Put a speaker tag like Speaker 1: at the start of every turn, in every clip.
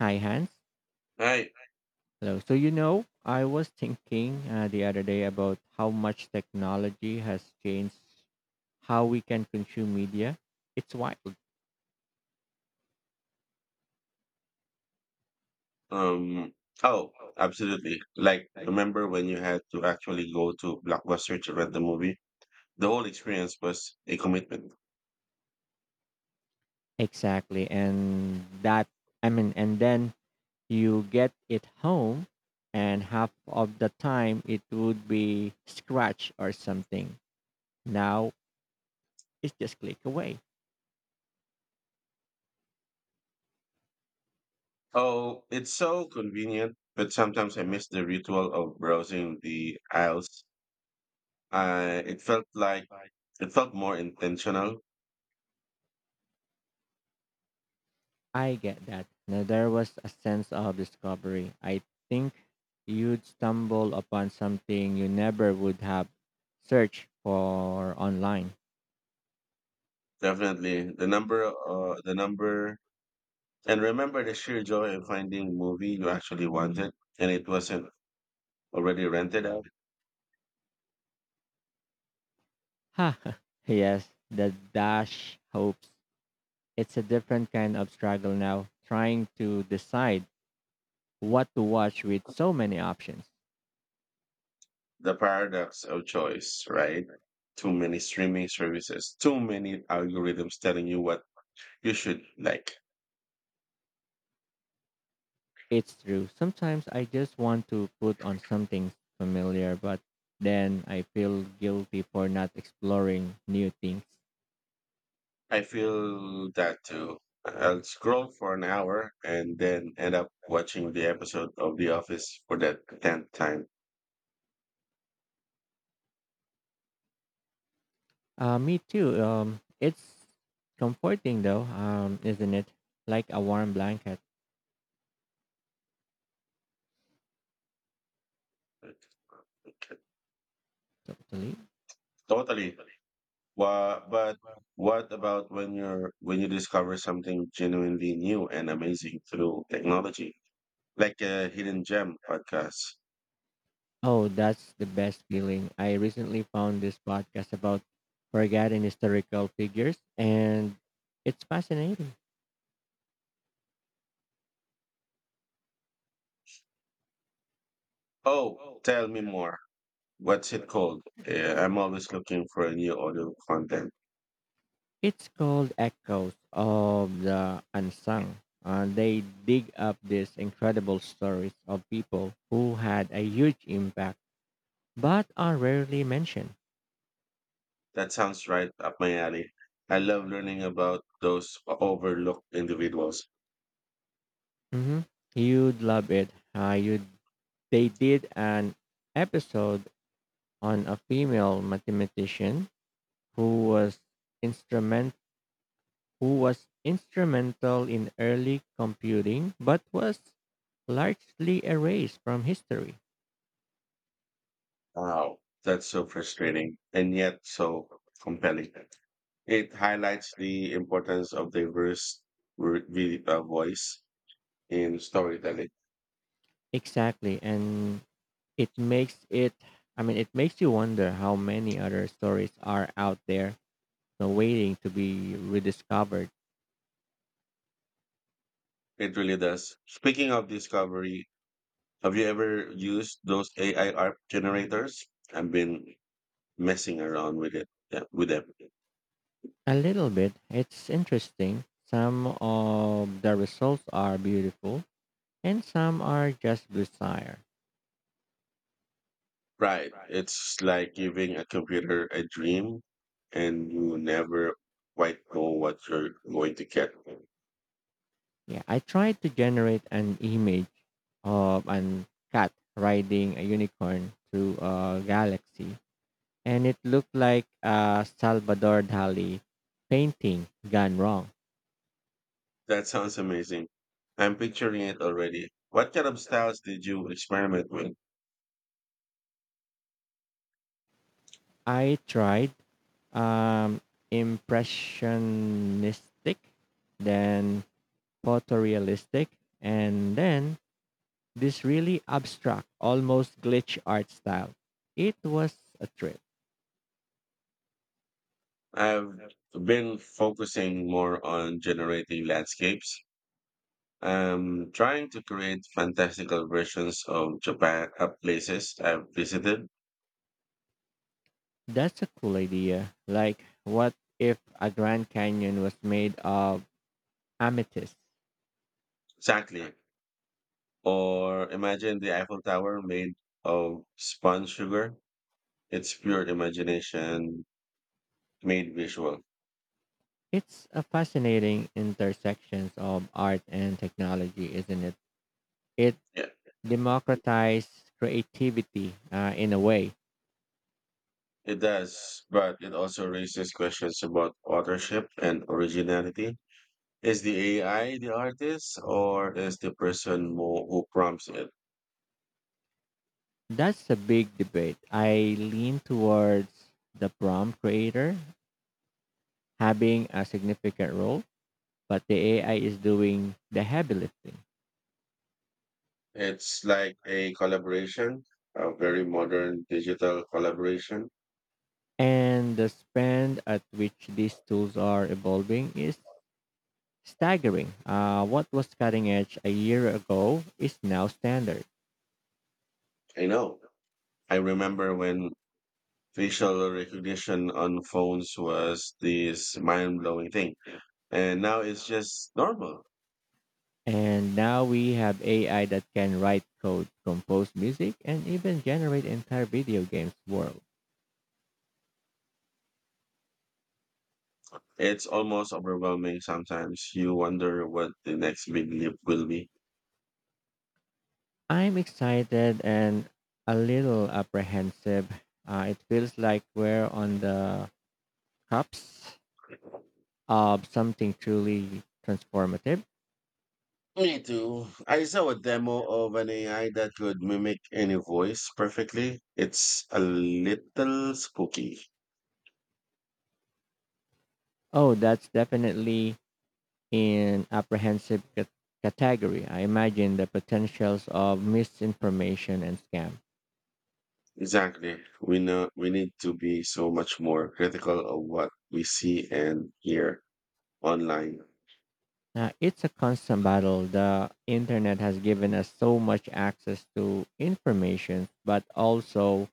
Speaker 1: Hi, Hans.
Speaker 2: Right.
Speaker 1: Hello. So, I was thinking the other day about how much technology has changed how we can consume media. It's wild.
Speaker 2: Um, oh, absolutely. Like, remember when you had to actually go to Blockbuster to rent the movie? The whole experience was a commitment.
Speaker 1: Exactly. And that, I mean, and then you get it home, and half of the time it would be scratch or something. Now it's just click away.
Speaker 2: Oh, it's so convenient, but sometimes I miss the ritual of browsing the aisles. Uh, it felt like it felt more intentional.
Speaker 1: I get that. Now, there was a sense of discovery. I think you'd stumble upon something you never would have searched for online.
Speaker 2: Definitely, and remember the sheer joy of finding a movie you actually wanted, and it wasn't already rented out.
Speaker 1: Ha! Yes, the dash hopes. It's a different kind of struggle now, trying to decide what to watch with so many options.
Speaker 2: The paradox of choice, right? Too many streaming services, too many algorithms telling you what you should like.
Speaker 1: It's true. Sometimes I just want to put on something familiar, but then I feel guilty for not exploring new things.
Speaker 2: I feel that too. I'll scroll for an hour and then end up watching the episode of The Office for that 10th time.
Speaker 1: Me too. It's comforting though, isn't it? Like a warm blanket, totally.
Speaker 2: Totally. But what about when you discover something genuinely new and amazing through technology, like a hidden gem podcast?
Speaker 1: Oh, that's the best feeling. I recently found this podcast about forgotten historical figures, and it's fascinating.
Speaker 2: Oh, tell me more. What's it called? I'm always looking for a new audio content.
Speaker 1: It's called Echoes of the Unsung. They dig up these incredible stories of people who had a huge impact but are rarely mentioned.
Speaker 2: That sounds right up my alley. I love learning about those overlooked individuals.
Speaker 1: Hmm. You'd love it. You'd They did an episode on a female mathematician who was instrument who was instrumental in early computing but was largely erased from history.
Speaker 2: Wow, that's so frustrating and yet so compelling. It highlights the importance of diverse voice in storytelling.
Speaker 1: Exactly, and it makes it I mean it makes you wonder how many other stories are out there, waiting to be rediscovered.
Speaker 2: It really does. Speaking of discovery, have you ever used those AI art generators? I've been messing around with it, yeah, with them.
Speaker 1: A little bit. It's interesting. Some of the results are beautiful, and some are just bizarre.
Speaker 2: Right. It's like giving a computer a dream and you never quite know what you're going to get.
Speaker 1: Yeah, I tried to generate an image of an cat riding a unicorn through a galaxy, and it looked like a Salvador Dali painting gone wrong.
Speaker 2: That sounds amazing. I'm picturing it already. What kind of styles did you experiment with?
Speaker 1: I tried um, impressionistic, then photorealistic, and then this really abstract, almost glitch art style. It was a trip.
Speaker 2: I've been focusing more on generating landscapes. I'm trying to create fantastical versions of Japan, places I've visited.
Speaker 1: That's a cool idea. Like, what if a Grand Canyon was made of amethyst?
Speaker 2: Exactly. Or imagine the Eiffel Tower made of sponge sugar. It's pure imagination made visual.
Speaker 1: It's a fascinating intersections of art and technology, isn't it? It
Speaker 2: Yeah,
Speaker 1: democratized creativity in a way.
Speaker 2: it does, but it also raises questions about authorship and originality. Is the AI the artist, or is the person who prompts it?
Speaker 1: That's a big debate. I lean towards the prompt creator having a significant role, but the AI is doing the heavy lifting.
Speaker 2: It's like a collaboration, a very modern digital collaboration.
Speaker 1: And the spend at which these tools are evolving is staggering. What was cutting edge a year ago is now standard.
Speaker 2: I know. I remember when facial recognition on phones was this mind blowing thing, and now it's just normal.
Speaker 1: And now we have AI that can write code, compose music, and even generate entire video games world.
Speaker 2: It's almost overwhelming sometimes. You wonder what the next big leap will be.
Speaker 1: I'm excited and a little apprehensive. It feels like we're on the cusp of something truly transformative.
Speaker 2: Me too. I saw a demo of an AI that could mimic any voice perfectly. It's a little spooky.
Speaker 1: Oh, that's definitely in apprehensive category. I imagine the potentials of misinformation and scam.
Speaker 2: Exactly. We know we need to be so much more critical of what we see and hear online.
Speaker 1: It's a constant battle. The internet has given us so much access to information, but also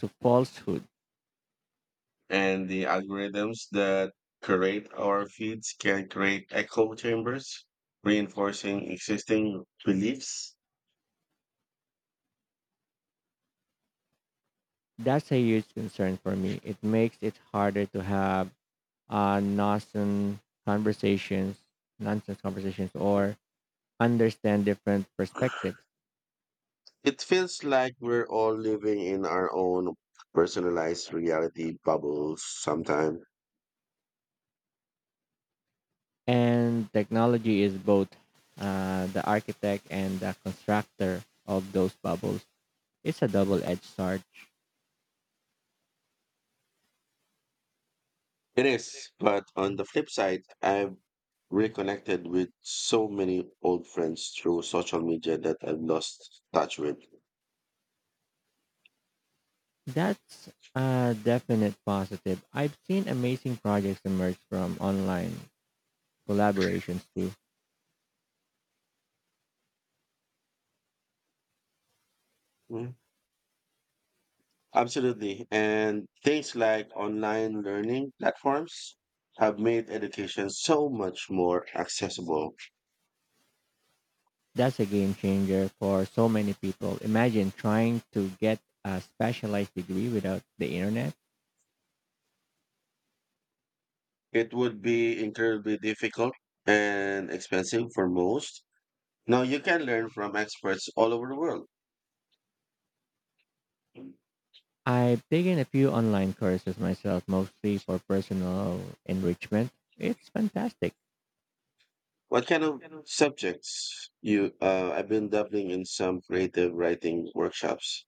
Speaker 1: to falsehood.
Speaker 2: And the algorithms that create our feeds can create echo chambers, reinforcing existing beliefs.
Speaker 1: That's a huge concern for me. It makes it harder to have uh, nonsense conversations, nonsense conversations, or understand different perspectives.
Speaker 2: It feels like we're all living in our own personalized reality bubbles sometimes.
Speaker 1: And technology is both the architect and the constructor of those bubbles. It's a double edged sword.
Speaker 2: It is, but on the flip side, I've reconnected with so many old friends through social media that I've lost touch with.
Speaker 1: That's a definite positive. I've seen amazing projects emerge from online collaborations too.
Speaker 2: Mm, absolutely. And things like online learning platforms have made education so much more accessible.
Speaker 1: That's a game changer for so many people. Imagine trying to get a specialized degree without the internet.
Speaker 2: It would be incredibly difficult and expensive for most. Now you can learn from experts all over the world.
Speaker 1: I've taken a few online courses myself, mostly for personal enrichment. It's fantastic.
Speaker 2: What kind of subjects you? I've been dabbling in some creative writing workshops.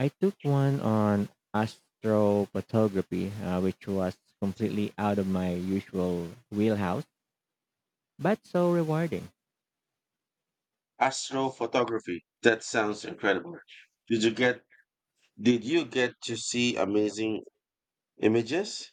Speaker 1: I took one on astrophotography, which was completely out of my usual wheelhouse, but so rewarding.
Speaker 2: Astrophotography. That sounds incredible. Did you get? Did you get to see amazing images?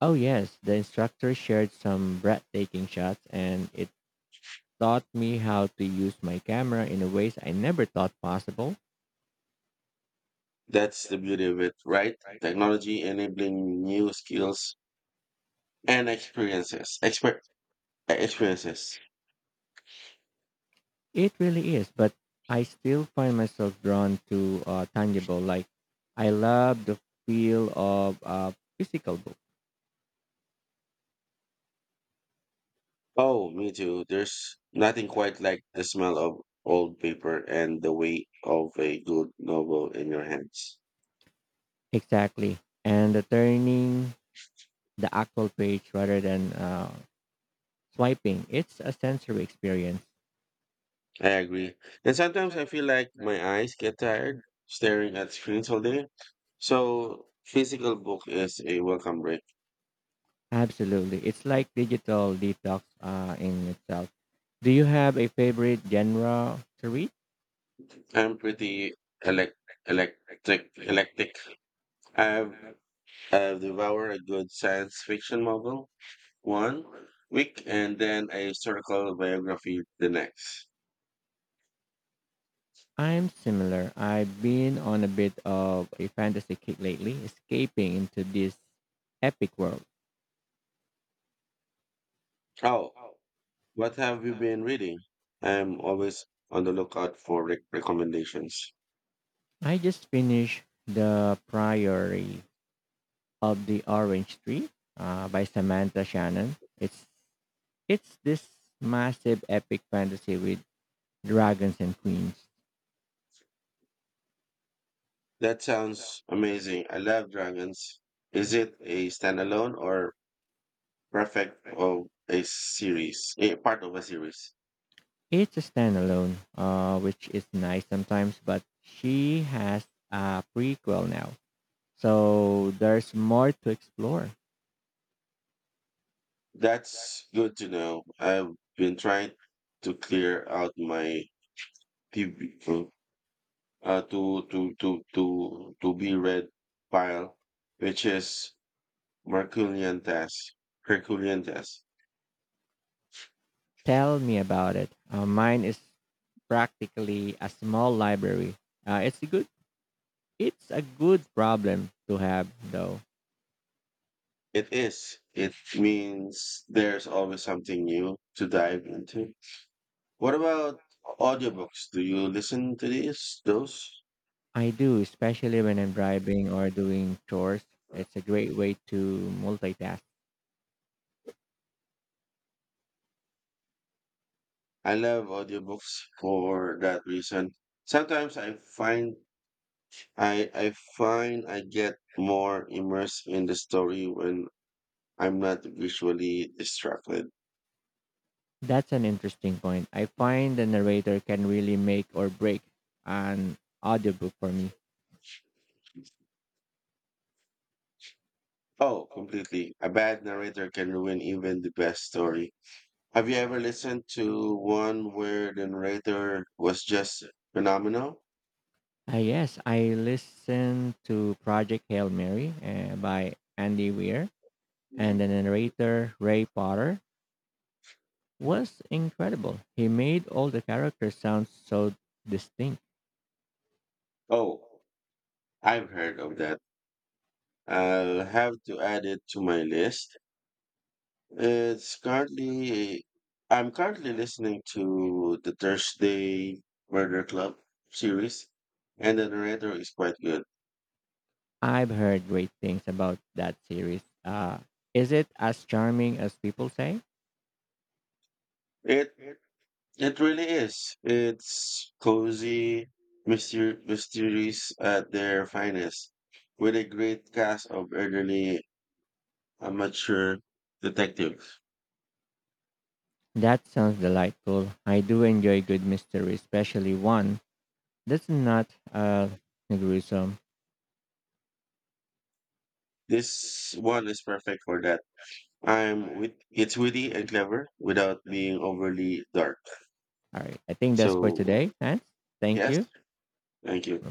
Speaker 1: Oh, yes, the instructor shared some breathtaking shots, and it taught me how to use my camera in ways I never thought possible.
Speaker 2: That's the beauty of it, right? Technology enabling new skills and experiences.
Speaker 1: It really is, but I still find myself drawn to tangible. Like, I love the feel of a physical book.
Speaker 2: Oh, me too. There's nothing quite like the smell of old paper and the weight of a good novel in your hands.
Speaker 1: Exactly. And the actual page rather than swiping. It's a sensory experience.
Speaker 2: I agree. And sometimes I feel like my eyes get tired staring at screens all day. So physical book is a welcome break.
Speaker 1: Absolutely. It's like digital detox in itself. Do you have a favorite genre to read?
Speaker 2: I'm pretty elect electric. I've I've devoured a good science fiction novel 1 week and then a historical biography the next.
Speaker 1: I'm similar. I've been on a bit of a fantasy kick lately, escaping into this epic world.
Speaker 2: Oh. What have you been reading? I am always on the lookout for recommendations.
Speaker 1: I just finished The Priory of the Orange Tree by Samantha Shannon. It's this massive epic fantasy with Dragons and Queens.
Speaker 2: That sounds amazing. I love dragons. Is it a standalone or perfect of a series? A part of a series?
Speaker 1: It's a standalone, which is nice sometimes, but she has a prequel now. So there's more to explore.
Speaker 2: That's good to know. I've been trying to clear out my PB, to be read file, which is Herculean task. Herculean task.
Speaker 1: Tell me about it. Mine is practically a small library. Uh, it's a good it's a good problem to have though.
Speaker 2: It is. It means there's always something new to dive into. What about audiobooks? Do you listen to these? Those?
Speaker 1: I do, especially when I'm driving or doing chores. It's a great way to multitask.
Speaker 2: I love audiobooks for that reason. Sometimes I find I get more immersed in the story when I'm not visually distracted.
Speaker 1: That's an interesting point. I find the narrator can really make or break an audiobook for me.
Speaker 2: Oh, completely. A bad narrator can ruin even the best story. Have you ever listened to one where the narrator was just phenomenal?
Speaker 1: Ah yes, I listened to Project Hail Mary by Andy Weir, and the narrator, Ray Potter, was incredible. He made all the characters sound so distinct.
Speaker 2: Oh, I've heard of that. I'll have to add it to my list. It's currently I'm currently listening to the Thursday Murder Club series, and the narrator is quite good.
Speaker 1: I've heard great things about that series. Is it as charming as people say?
Speaker 2: It it really is. It's cozy, mysteries at their finest, with a great cast of elderly amateur detectives.
Speaker 1: That sounds delightful. I do enjoy good mystery, especially one that's not gruesome.
Speaker 2: This one is perfect for that. I'm with it's witty and clever without being overly dark.
Speaker 1: All right. I think that's for
Speaker 2: So
Speaker 1: today, Hans. Thank
Speaker 2: yes,
Speaker 1: you.
Speaker 2: thank you.